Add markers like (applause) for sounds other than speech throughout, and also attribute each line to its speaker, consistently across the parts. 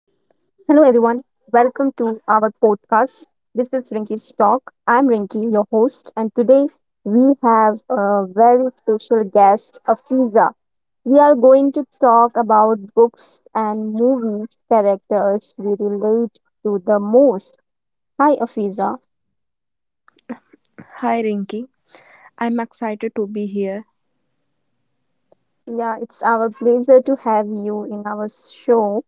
Speaker 1: Welcome to our podcast. This is Rinky's Talk. I'm Rinky, your host, and today we have a very special guest, Afiza. We are going to talk about books and movies characters we relate to the most. Hi, Afiza.
Speaker 2: Hi Rinky, I'm excited to be here.
Speaker 1: Yeah, it's our pleasure to have you in our show.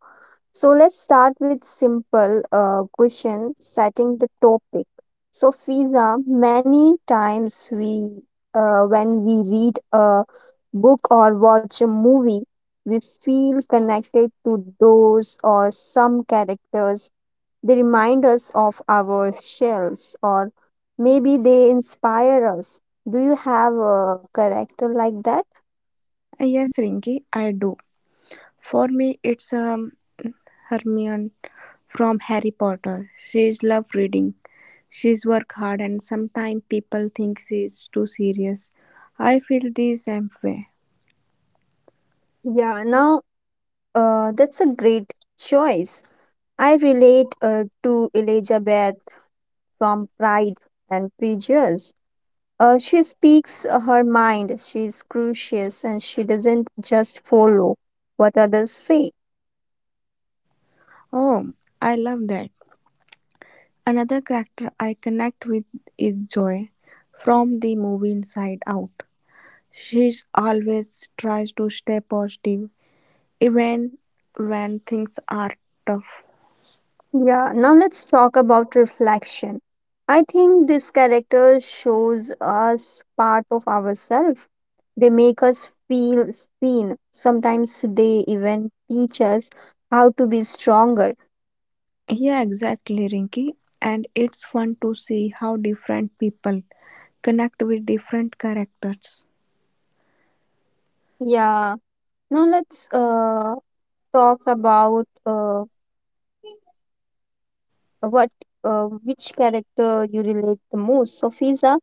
Speaker 1: So let's start with simple question setting the topic. So Fiza, many times we when we read a book or watch a movie, we feel connected to those or some characters. They remind us of ourselves or maybe they inspire us. Do you have a character like that?
Speaker 2: Yes, Rinky, I do. For me, it's Hermione from Harry Potter. She's love reading. She's work hard, and sometimes people think she's too serious. I feel the same way.
Speaker 1: Yeah, now that's a great choice. I relate to Elizabeth from Pride and Prejudice. She speaks her mind, she is curious, and she doesn't just follow what others say.
Speaker 2: Oh, I love that. Another character I connect with is Joy from the movie Inside Out. She's always tries to stay positive, even when things are tough.
Speaker 1: Yeah, now let's talk about reflection. I think this character shows us part of ourselves. They make us feel seen. Sometimes they even teach us how to be stronger.
Speaker 2: Yeah, exactly, Rinky. And it's fun to see how different people connect with different characters.
Speaker 1: Yeah, now let's talk about what which character you relate the most. So, Fiza,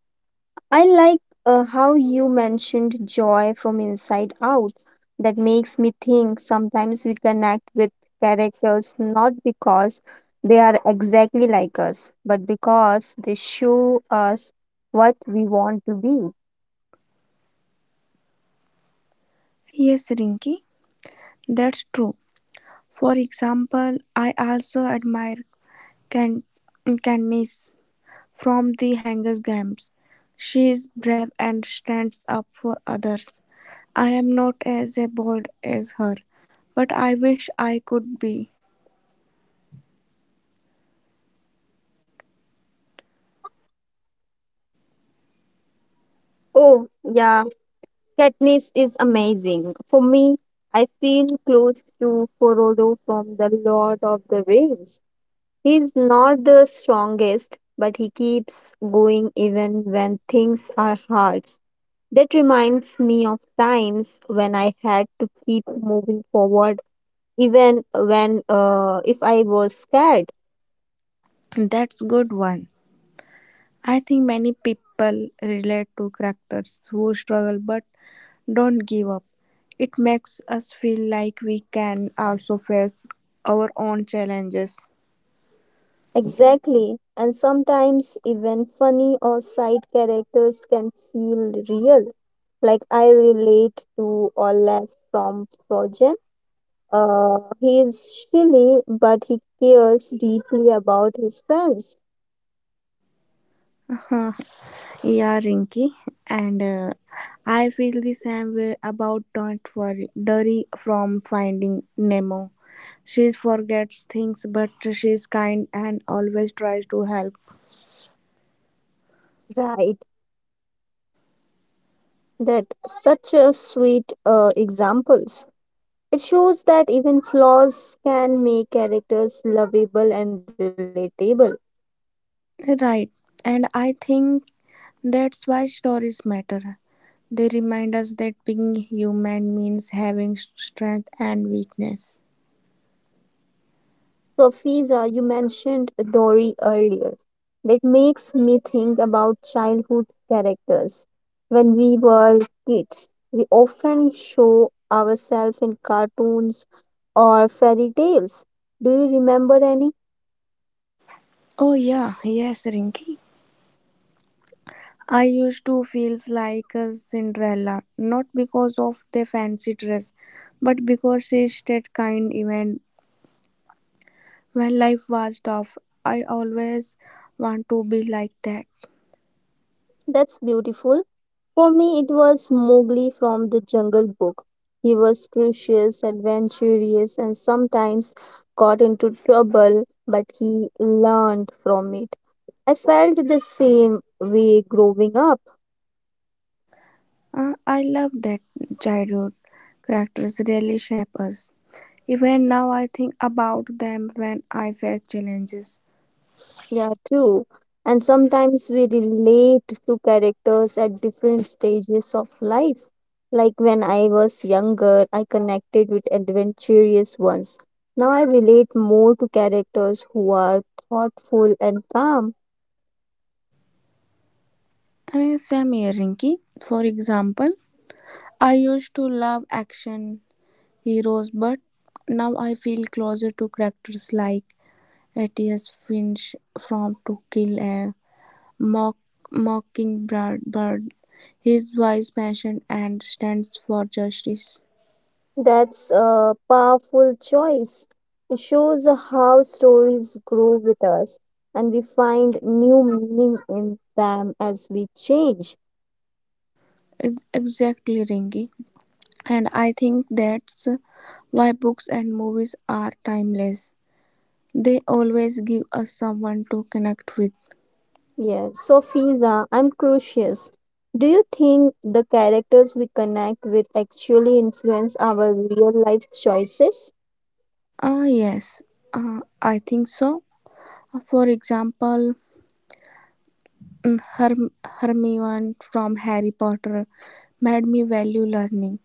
Speaker 1: I like how you mentioned joy from inside out. That makes me think sometimes we connect with characters not because they are exactly like us, but because they show us what we want to be.
Speaker 2: Yes, Rinky, that's true. For example, I also admire Can- Candice from the Hunger Games. She is brave and stands up for others. I am not as bold as her, but I wish I could be.
Speaker 1: Oh, yeah, Katniss is amazing. For me, I feel close to Frodo from the Lord of the Rings. He's not the strongest, but he keeps going even when things are hard. That reminds me of times when I had to keep moving forward, even when if I was scared.
Speaker 2: That's good one. I think many people relate to characters who struggle but don't give up. It makes us feel like we can also face our own challenges.
Speaker 1: Exactly. And sometimes even funny or side characters can feel real. Like I relate to Olaf from Frozen. He is silly, but he cares deeply about his friends.
Speaker 2: (laughs) Yeah, Rinky, and I feel the same way about Don't Worry, Dory from Finding Nemo. She forgets things, but she's kind and always tries to help.
Speaker 1: Right, that such a sweet examples. It shows that even flaws can make characters lovable and relatable.
Speaker 2: Right, and I think that's why stories matter. They remind us that being human means having strength and weakness.
Speaker 1: So, Fiza, you mentioned Dory earlier. That makes me think about childhood when we were kids, we often show ourselves in cartoons or fairy tales. Do you remember any?
Speaker 2: Oh yeah, yes, Rinky. I used to feel like a Cinderella, not because of the fancy dress, but because she stayed kind even when life was tough. I always want to be like that.
Speaker 1: That's beautiful. For me, it was Mowgli from the Jungle Book. He was curious, adventurous, and sometimes got into trouble, but he learned from it. I felt the same way growing up.
Speaker 2: I love that childhood characters really shape us. Even now, I think about them when I face challenges.
Speaker 1: Yeah, true. And sometimes we relate to characters at different stages of life. Like when I was younger, I connected with adventurous ones. Now I relate more to characters who are thoughtful and calm.
Speaker 2: Same here, Rinky. For example, I used to love action heroes, but now I feel closer to characters like Atticus Finch from To Kill a Mock Mockingbird. His wise passion and stands for justice.
Speaker 1: That's a powerful choice. It shows how stories grow with us and we find new meaning in them as we change.
Speaker 2: It's Exactly, Ringy. And I think that's why books and movies are timeless. They always give us someone to connect with.
Speaker 1: Yeah, so Fiza, I'm curious. Do you think the characters we connect with actually influence our real life choices?
Speaker 2: Ah, yes, I think so. For example, Herm- Hermione from Harry Potter made me value learning.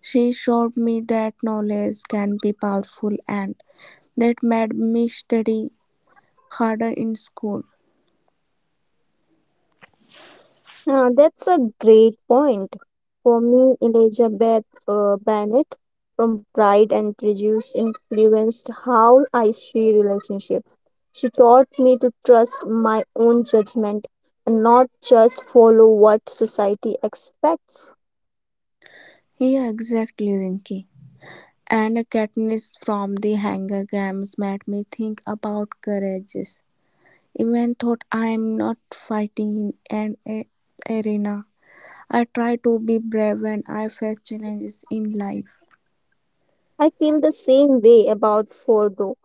Speaker 2: She showed me that knowledge can be powerful and that made me study harder in school.
Speaker 1: That's a great point. For me, Elizabeth Bennet from Pride and Prejudice influenced how I see relationships. She taught me to trust my own judgment and not just follow what society expects.
Speaker 2: Yeah, exactly, Rinky. And Katniss from the Hunger Games made me think about courage. Even though I am not fighting in an arena, I try to be brave when I face challenges in life.
Speaker 1: I feel the same way about Fordo.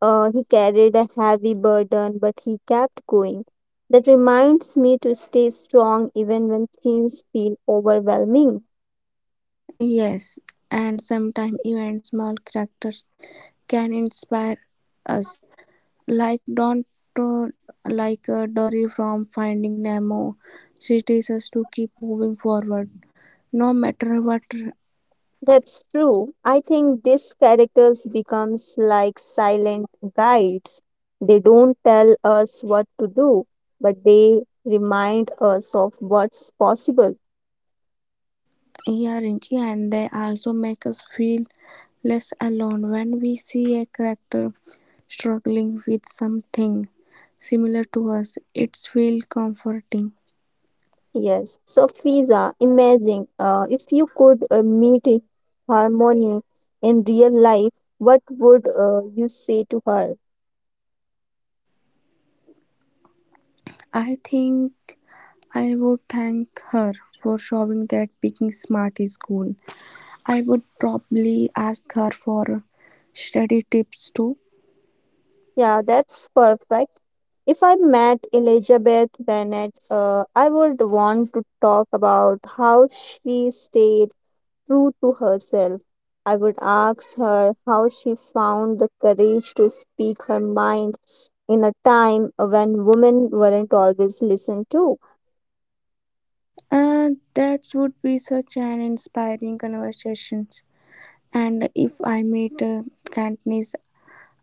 Speaker 1: He carried a heavy burden, but he kept going. That reminds me to stay strong even when things feel overwhelming.
Speaker 2: Yes, and sometimes even small characters can inspire us, like don't uh, like Dory from Finding Nemo. She teaches us to keep moving forward, no matter what.
Speaker 1: That's true. I think these characters becomes like silent guides. They don't tell us what to do, but they remind us of what's possible.
Speaker 2: Yeah, Rinky, and they also make us feel less alone when we see a character struggling with something similar to us. It's feel comforting.
Speaker 1: Yes. So Fiza, imagine if you could meet a Harmony in real life, what would you say to her?
Speaker 2: I think I would thank her for showing that picking smart is cool. I would probably ask her for study tips too.
Speaker 1: Yeah, that's perfect. If I met Elizabeth Bennet, I would want to talk about how she stayed true to herself. I would ask her how she found the courage to speak her mind in a time when women weren't always listened to.
Speaker 2: That would be such an inspiring conversation. And if I meet Katniss,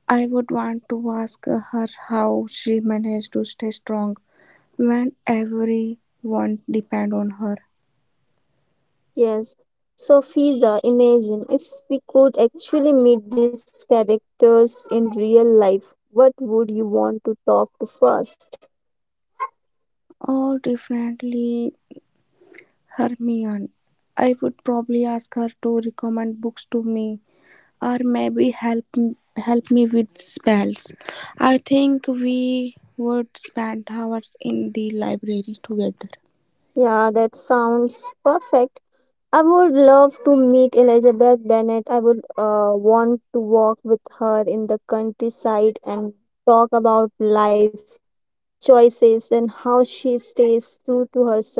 Speaker 2: I would want to ask her how she managed to stay strong when everyone depend on her.
Speaker 1: Yes. So, Fiza, imagine if we could actually meet these characters in real life, what would you want to talk to first?
Speaker 2: Or definitely Hermione. I would probably ask her to recommend books to me, or maybe help me with spells. I think we would spend hours in the library together.
Speaker 1: Yeah, that sounds perfect. I would love to meet Elizabeth Bennet. I would want to walk with her in the countryside and talk about life choices and how she stays true to herself.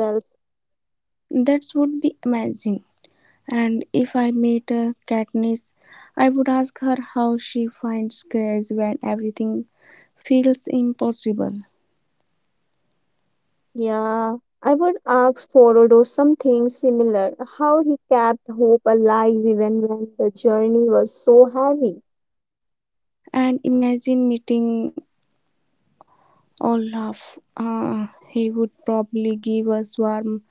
Speaker 2: That would be amazing. And if I met Katniss, I would ask her how she finds grace when everything feels impossible.
Speaker 1: Yeah, I would ask Forodo something similar, how he kept hope alive even when the journey was so heavy.
Speaker 2: And imagine meeting Olaf. He would probably give us warm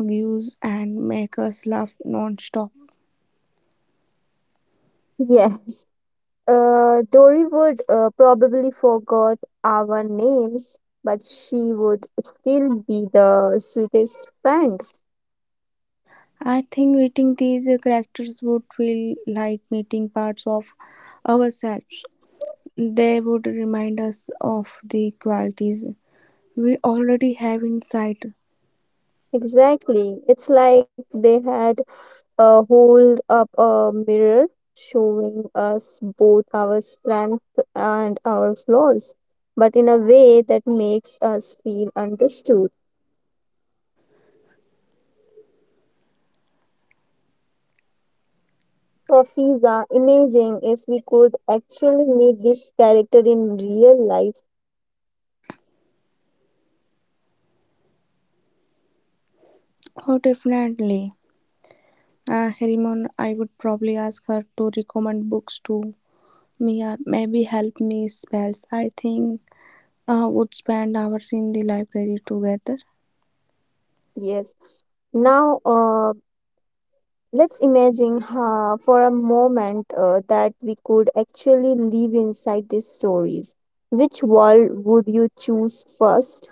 Speaker 2: views and make us laugh non-stop.
Speaker 1: (laughs) Yes. Dory would probably forgot our names, but she would still be the sweetest friend.
Speaker 2: I think meeting these characters would feel like meeting parts of ourselves. They would remind us of the qualities we already have insight.
Speaker 1: Exactly. It's like they had hold up a mirror showing us both our strength and our flaws, but in a way that makes us feel understood. Fiza, imagine if we could actually meet this character in real life.
Speaker 2: Oh, definitely. Harimon, I would probably ask her to recommend books to me or maybe help me spells. I think would spend hours in the library together.
Speaker 1: Yes. Now, let's imagine for a moment that we could actually live inside these stories. Which world would you choose first?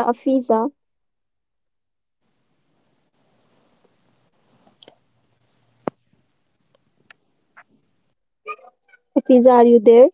Speaker 1: Yeah, Afiza. Afiza, are you there?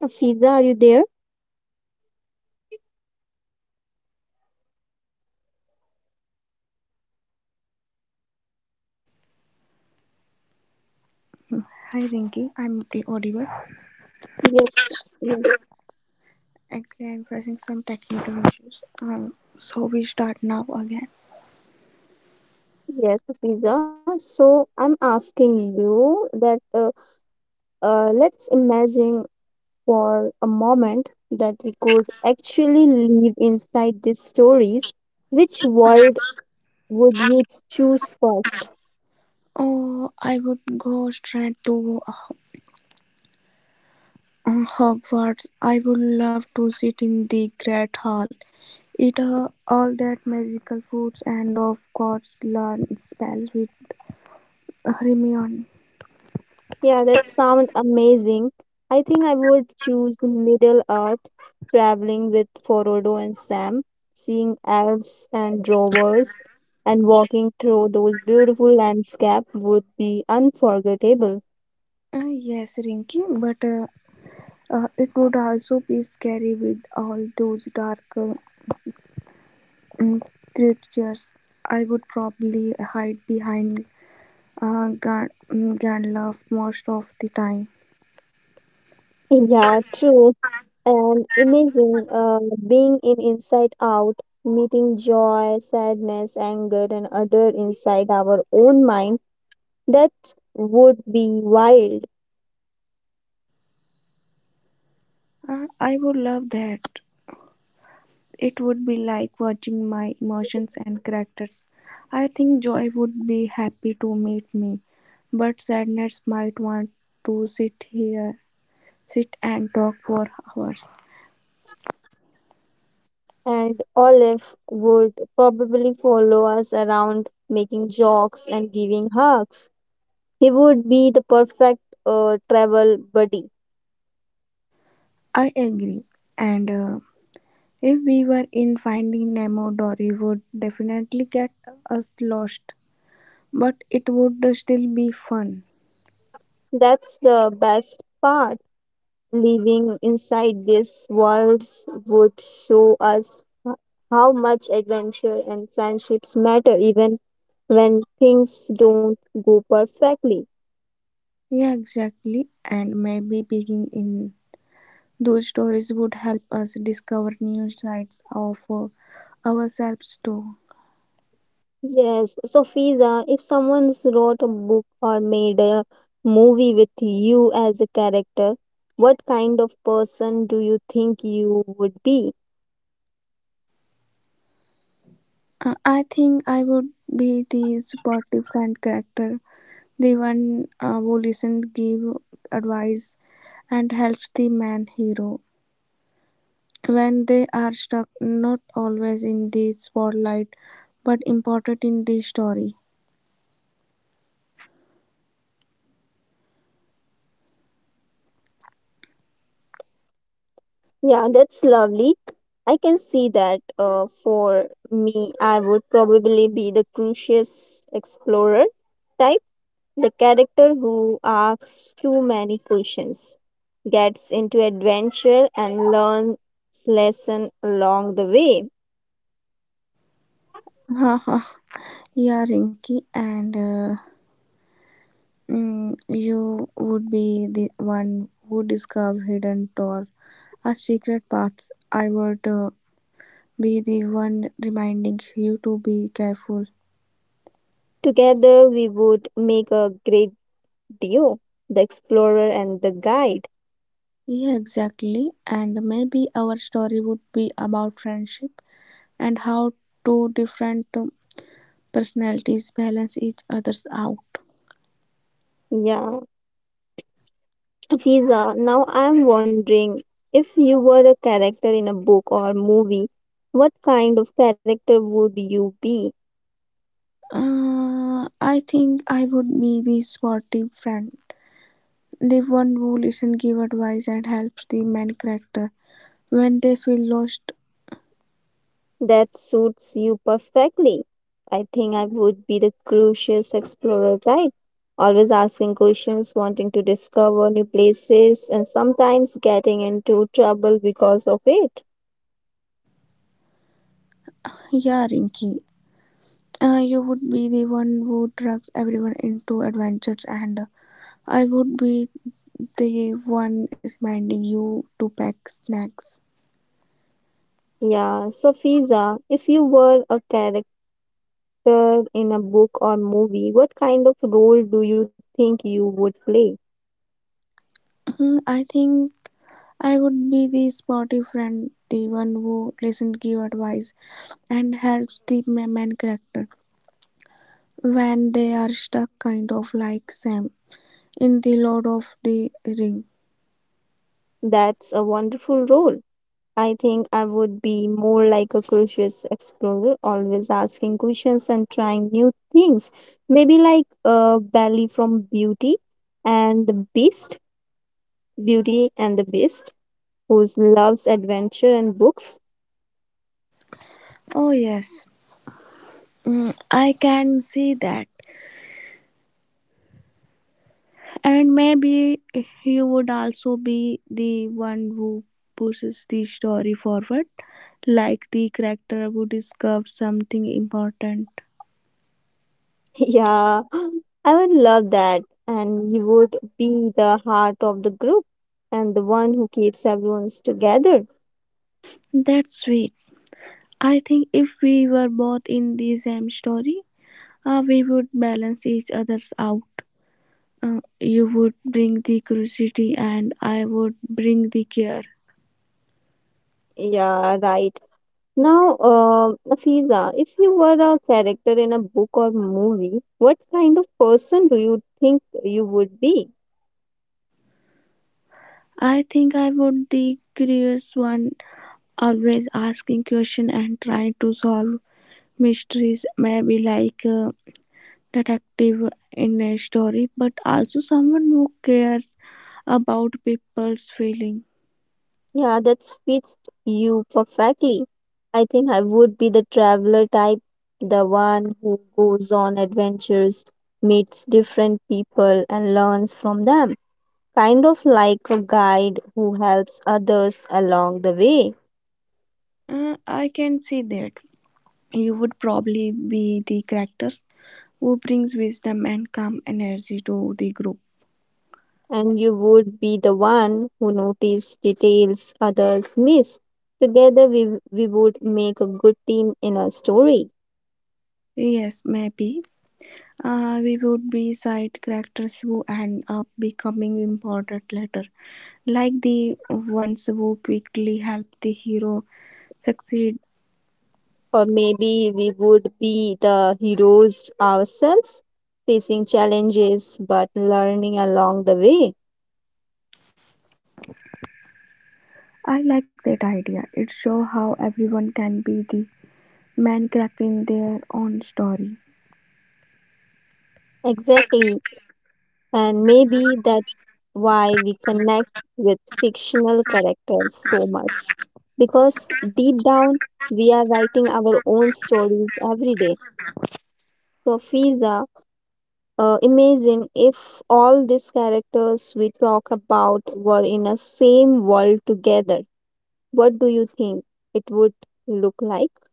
Speaker 1: Afiza, are you there?
Speaker 2: Hi, Rinky. I'm audible.
Speaker 1: Yes, yes,
Speaker 2: Actually, I'm facing some technical issues. So we start now again.
Speaker 1: yes, Afiza. So I'm asking you that let's imagine for a moment that we could actually live inside these stories. Which world would you choose first?
Speaker 2: Oh, I would go straight to Hogwarts. I would love to sit in the Great Hall, eat all that magical foods and of course learn spells with Hermione.
Speaker 1: Yeah, that sounds amazing. I think I would choose Middle Earth, traveling with Frodo and Sam, seeing elves and dwarves, and walking through those beautiful landscape would be unforgettable.
Speaker 2: Yes, Rinky, but it would also be scary with all those dark mm, creatures. I would probably hide behind Gandalf most of the time.
Speaker 1: Yeah, true. And imagine being in Inside Out, meeting joy, sadness, anger, and other inside our own mind. That would be wild.
Speaker 2: I would love that. It would be like watching my emotions and characters. I think joy would be happy to meet me, but sadness might want to sit here, sit and talk for hours.
Speaker 1: And Olive would probably follow us around making jokes and giving hugs. He would be the perfect travel buddy.
Speaker 2: I agree. And if we were in Finding Nemo, Dory would definitely get us lost, but it would still be fun.
Speaker 1: That's the best part. Living inside these worlds would show us h- how much adventure and friendships matter even when things don't go perfectly.
Speaker 2: Yeah, exactly. And maybe picking in those stories would help us discover new sides of ourselves too.
Speaker 1: Yes, so Fiza, if someone's wrote a book or made a movie with you as a character, what kind of person do you think you would be?
Speaker 2: I think I would be the supportive friend character, the one who listens, give advice, and helps the man hero when they are stuck, not always in the spotlight, but important in the story.
Speaker 1: Yeah, that's lovely. I can see that. For me, I would probably be the curious explorer type, the character who asks too many questions, gets into adventure, and learns lesson along the way.
Speaker 2: (laughs) Haha, yeah, Rinky, and you would be the one who discovered hidden doors or secret paths. I would be the one reminding you to be careful.
Speaker 1: Together we would make a great duo, the explorer and the guide.
Speaker 2: Yeah, exactly. And maybe our story would be about friendship and how two different personalities balance each other's out.
Speaker 1: Yeah. Fiza, now I'm wondering if you were a character in a book or movie, what kind of character would you be?
Speaker 2: I think I would be the sporty friend, the one who listens, give advice, and helps the main character when they feel lost.
Speaker 1: That suits you perfectly. I think I would be the curious explorer type, always asking questions, wanting to discover new places, and sometimes getting into trouble because of it.
Speaker 2: Yeah, Rinky, you would be the one who drags everyone into adventures, and I would be the one reminding you to pack snacks.
Speaker 1: Yeah, so Fiza, if you were a character in a book or movie, what kind of role do you think you would play?
Speaker 2: Hmm, I think I would be the sporty friend, the one who listens, give advice, and helps the main character when they are stuck, kind of like Sam in the Lord of the Ring.
Speaker 1: That's a wonderful role. I think I would be more like a curious explorer, always asking questions and trying new things. Maybe like Bally from and the Beast, Beauty and the Beast, who loves adventure and books.
Speaker 2: Oh yes, Mm, I can see that. And maybe you would also be the one who pushes the story forward, like the character who discovers something important.
Speaker 1: Yeah, (gasps) I would love that. And you would be the heart of the group and the one who keeps everyone together.
Speaker 2: That's sweet. I think if we were both in the same story, we would balance each other's out. You would bring the curiosity, and I would bring the care.
Speaker 1: Yeah, right. Now, Afiza, if you were a character in a book or movie, what kind of person do you think you would be?
Speaker 2: I think I would the curious one, always asking question and trying to solve mysteries may be like a detective in a story, but also someone who cares about people's feeling.
Speaker 1: Yeah, that fits you perfectly. I think I would be the traveler type, the one who goes on adventures, meets different people, and learns from them, kind of like a guide who helps others along the way.
Speaker 2: I can see that you would probably be the characters who brings wisdom and calm energy to the group.
Speaker 1: And you would be the one who notice details others miss. Together, we would make a good team in a story.
Speaker 2: Yes, maybe we would be side characters who end up becoming important later, like the ones who quickly help the hero succeed.
Speaker 1: Or maybe we would be the heroes ourselves, facing challenges but learning along the way.
Speaker 2: I like that idea. It shows how everyone can be the main character in their own story.
Speaker 1: Exactly. And maybe that's why we connect with fictional characters so much, because deep down we are writing our own stories every day. So, Fiza, imagine if all these characters we talk about were in a same world together. What do you think it would look like? (laughs)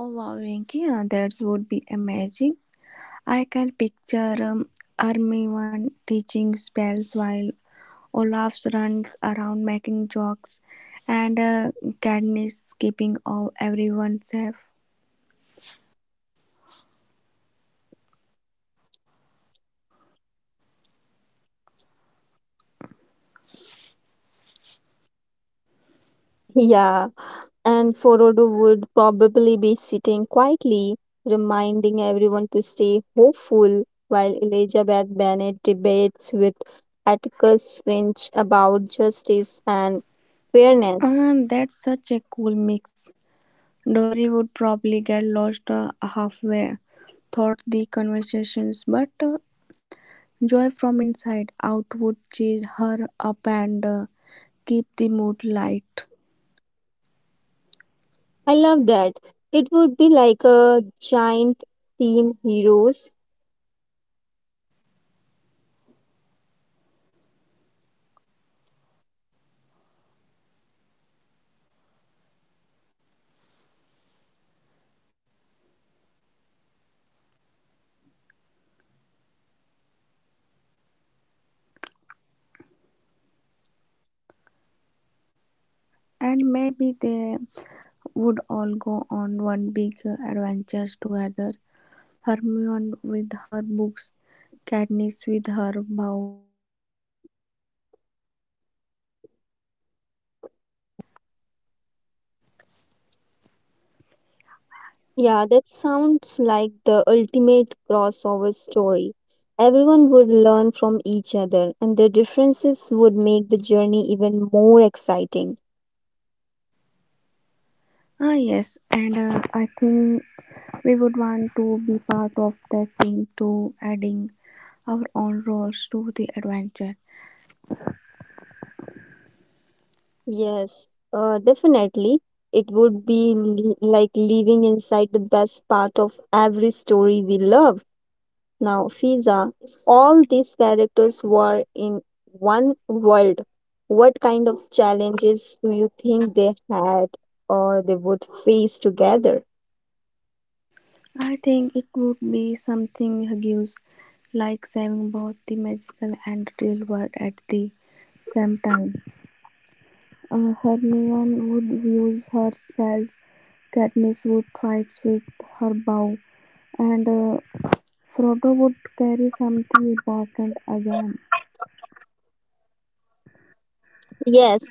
Speaker 2: Oh wow, Rinki, that would be amazing. I can picture Armivan teaching spells while Olaf runs around making jokes and Katniss keeping all everyone safe.
Speaker 1: Yeah, and Forodo would probably be sitting quietly, reminding everyone to stay hopeful, while Elizabeth Bennet debates with Atticus Finch about justice and fairness.
Speaker 2: That's such a cool mix. Dory would probably get lost halfway through the conversations, but Joy from inside out would cheer her up and keep the mood light.
Speaker 1: I love that. It would be like a giant team heroes.
Speaker 2: And maybe they would all go on one big adventure together. Hermione with her books, Katniss with her bow
Speaker 1: Yeah, that sounds like the ultimate crossover story. Everyone would learn from each other, and their differences would make the journey even more exciting.
Speaker 3: Ah, yes, and I think we would want to be part of that team too, adding our own roles to the adventure.
Speaker 1: Yes, definitely. It would be like living inside the best part of every story we love. Now, Fiza, if all these characters were in one world, what kind of challenges do you think they had or they would face together?
Speaker 3: I think it would be something huge, like saving both the magical and real world at the same time. Hermione would use her spells, Katniss would fight with her bow, and Frodo would carry something important again.
Speaker 1: Yes,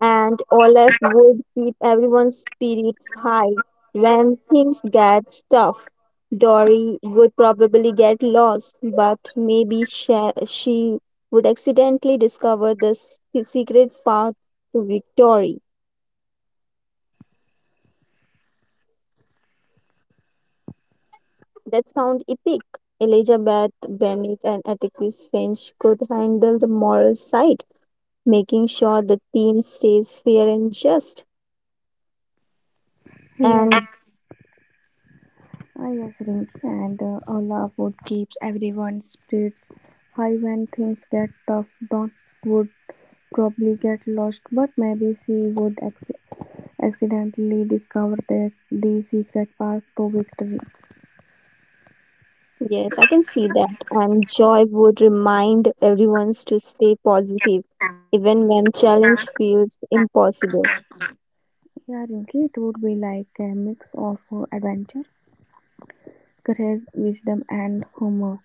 Speaker 1: and Olaf would keep everyone's spirits high when things get tough. Dory would probably get lost, but maybe she would accidentally discover the secret path to victory. That sound epic. Elizabeth Bennet and Atticus Finch could handle the moral side, making sure the team stays fair and just. And
Speaker 3: Yes. Ah, yes, Rinky, and a love wood keeps everyone's spirits high when things get tough. Dot would probably get lost, but maybe she would accidentally discover that the secret path to victory.
Speaker 1: yes, I can see that. And Joy would remind everyone to stay positive, even when challenge feels impossible.
Speaker 3: Yeah, Rinky, it would be like a mix of adventure, courage, wisdom, and humor,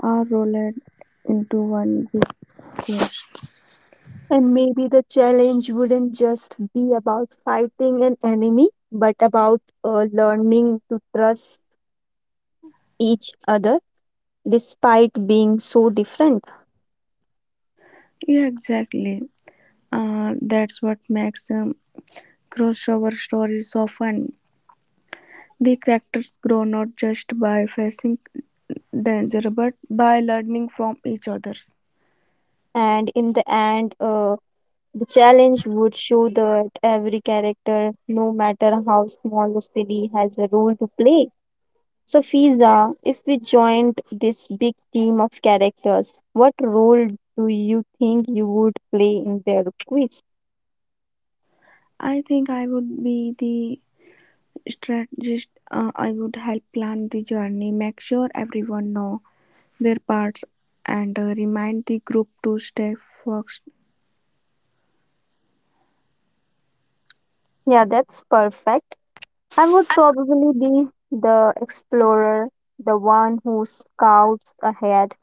Speaker 3: all rolled into one big course.
Speaker 1: And maybe the challenge wouldn't just be about fighting an enemy, but about learning to trust each other despite being so different.
Speaker 3: Yeah, exactly. That's what makes crossover stories so fun. The characters grow not just by facing danger but by learning from each other's.
Speaker 1: And in the end, the challenge would show that every character, no matter how small the city, has a role to play. So, Fiza, if we joined this big team of characters, what role do you think you would play in their quiz?
Speaker 3: I think I would be the strategist. I would help plan the journey, make sure everyone know their parts, and remind the group to stay focused.
Speaker 1: Yeah, that's perfect. I would probably be the explorer, the one who scouts ahead,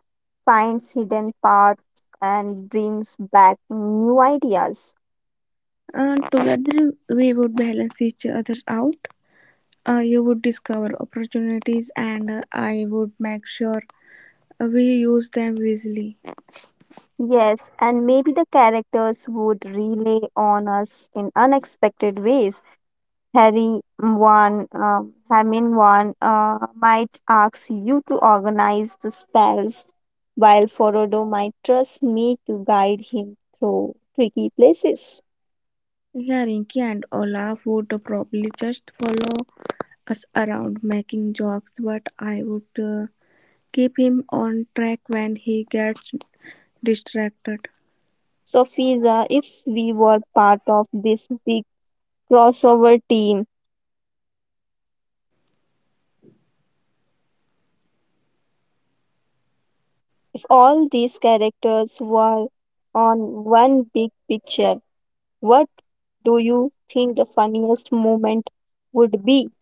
Speaker 1: finds hidden paths, and brings back new ideas.
Speaker 3: And together we would balance each other out. You would discover opportunities, and I would make sure we use them wisely.
Speaker 1: Yes, and maybe the characters would relay on us in unexpected ways. Hermione one, might ask you to organize the spells, while Frodo might trust me to guide him through tricky places.
Speaker 3: Yeah, Rinky and Olaf would probably just follow us around making jokes, but I would keep him on track when he gets distracted.
Speaker 1: So, Fiza, if we were part of this big crossover team, if all these characters were on one big picture, what do you think the funniest moment would be?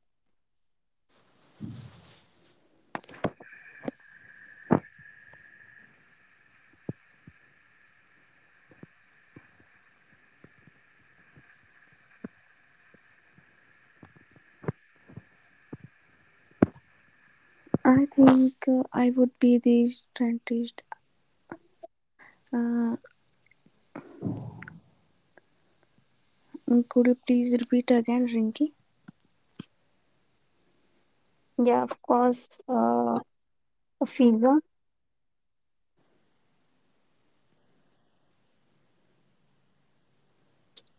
Speaker 3: I think I would be the scientist. Uh, could you please repeat again, Rinky?
Speaker 1: Yeah, of course, Fiza.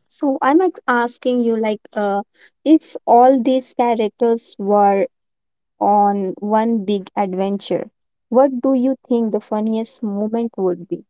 Speaker 1: So I'm like, asking you, if all these characters were on one big adventure, what do you think the funniest moment would be?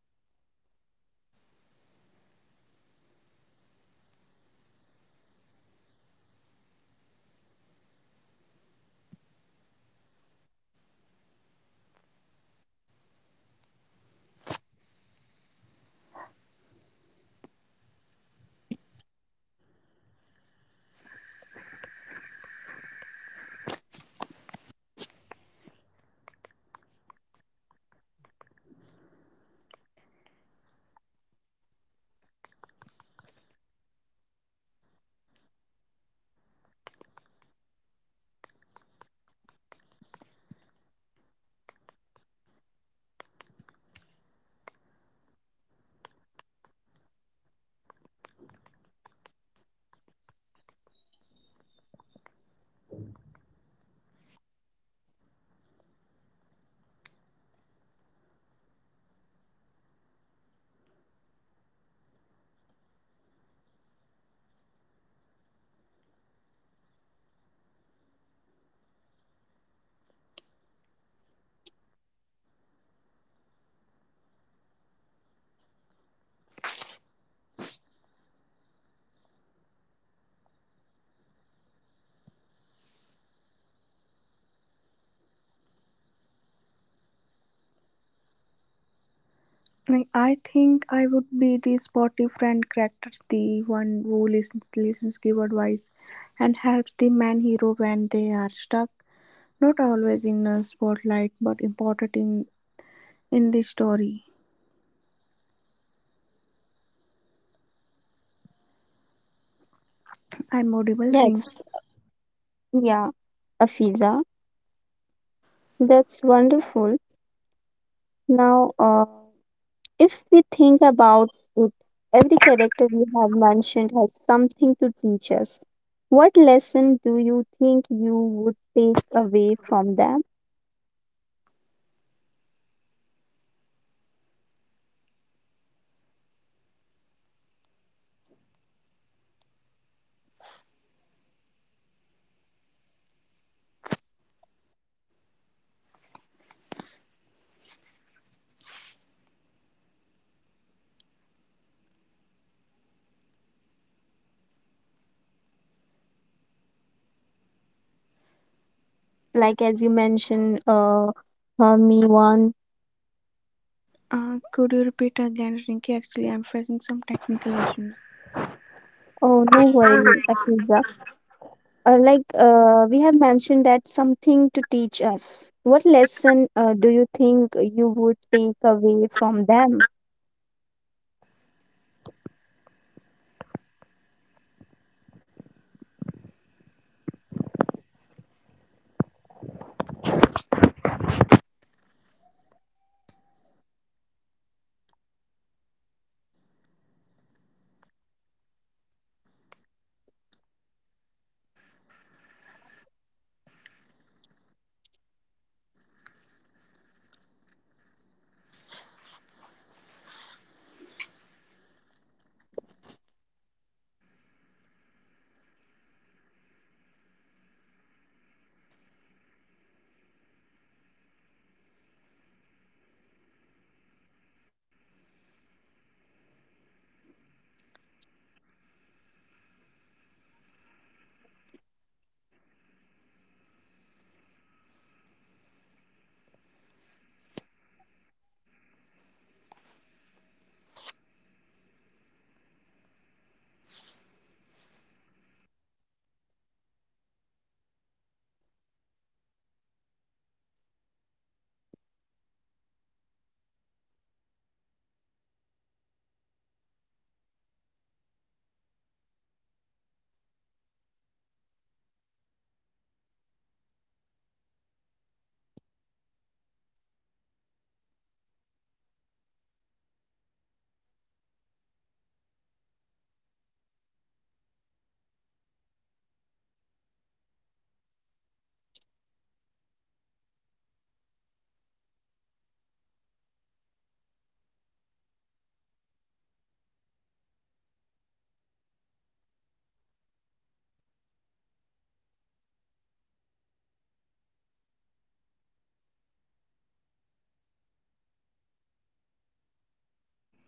Speaker 3: Like, I think I would be the sporty friend character, the one who listens, give advice, and helps the man hero when they are stuck. Not always in a spotlight, but important in the story. I'm audible, Rinky.
Speaker 1: Yes, yeah, Afiza, that's wonderful. Now, if we think about it, every character we have mentioned has something to teach us. What lesson do you think you would take away from them? Like as you mentioned, me one.
Speaker 3: Could you repeat again, Rinky? Actually, I'm facing some technical issues.
Speaker 1: Oh, no worry, Akiza. We have mentioned that something to teach us. What lesson do you think you would take away from them?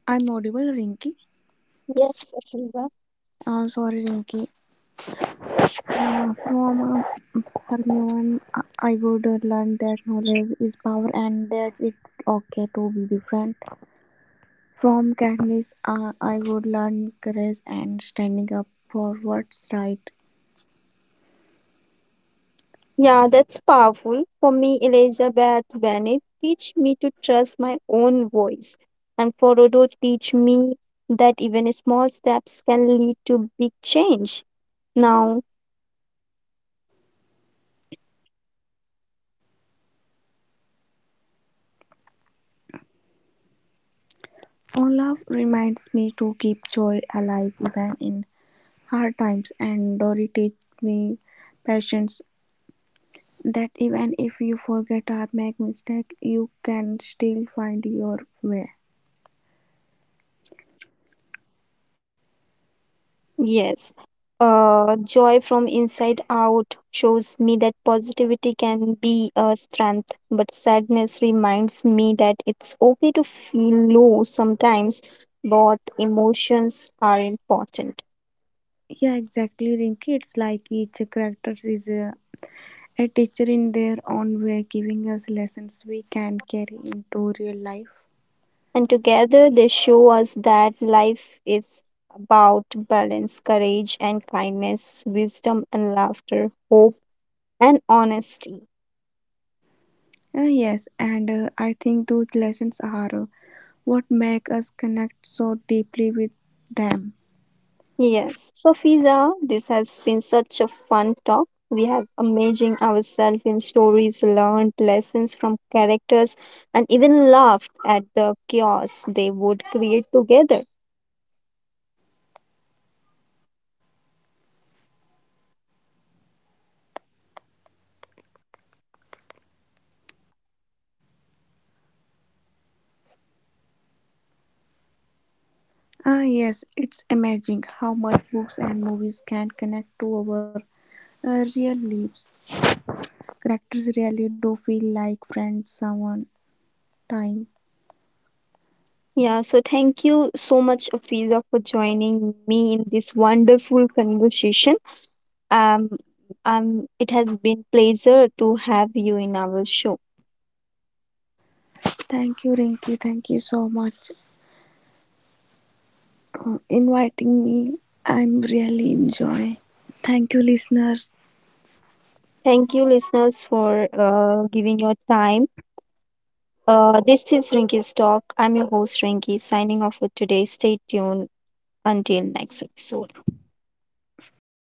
Speaker 3: I'm audible, Rinky.
Speaker 1: Yes, Akiza.
Speaker 3: Sorry, Rinky. From Hermione, I would learn that knowledge is power and that it's okay to be different. From Katniss, I would learn courage and standing up for what's right.
Speaker 1: Yeah, that's powerful. For me, Elizabeth Bennet teach me to trust my own voice. And for Rodo teach me that even small steps can lead to big change. Now,
Speaker 3: Olaf reminds me to keep joy alive even in hard times, and Dory teaches me patience that even if you forget or make mistake you can still find your way.
Speaker 1: yes, joy from inside out shows me that positivity can be a strength, but sadness reminds me that it's okay to feel low sometimes. Both emotions are important.
Speaker 3: Yeah, exactly, Rinky, it's like each character is a teacher in their own way, giving us lessons we can carry into real life.
Speaker 1: And together they show us that life is about balance, courage and kindness, wisdom and laughter, hope and honesty.
Speaker 3: Yes, and I think those lessons are what make us connect so deeply with them.
Speaker 1: Yes. So, Fiza, this has been such a fun talk. We have amazing ourselves in stories, learned lessons from characters, and even laughed at the chaos they would create together.
Speaker 3: Ah, yes, it's amazing how much books and movies can connect to our real lives. Characters really do feel like friends. Someone, time.
Speaker 1: Yeah, so thank you so much, Afiza, for joining me in this wonderful conversation. Um, it has been pleasure to have you in our show.
Speaker 3: Thank you, Rinki. Thank you so much inviting me. I'm really enjoying. Thank you, listeners.
Speaker 1: Thank you, listeners, for giving your time. This is Rinky's Talk. I'm your host, Rinky, signing off for today. Stay tuned until next episode.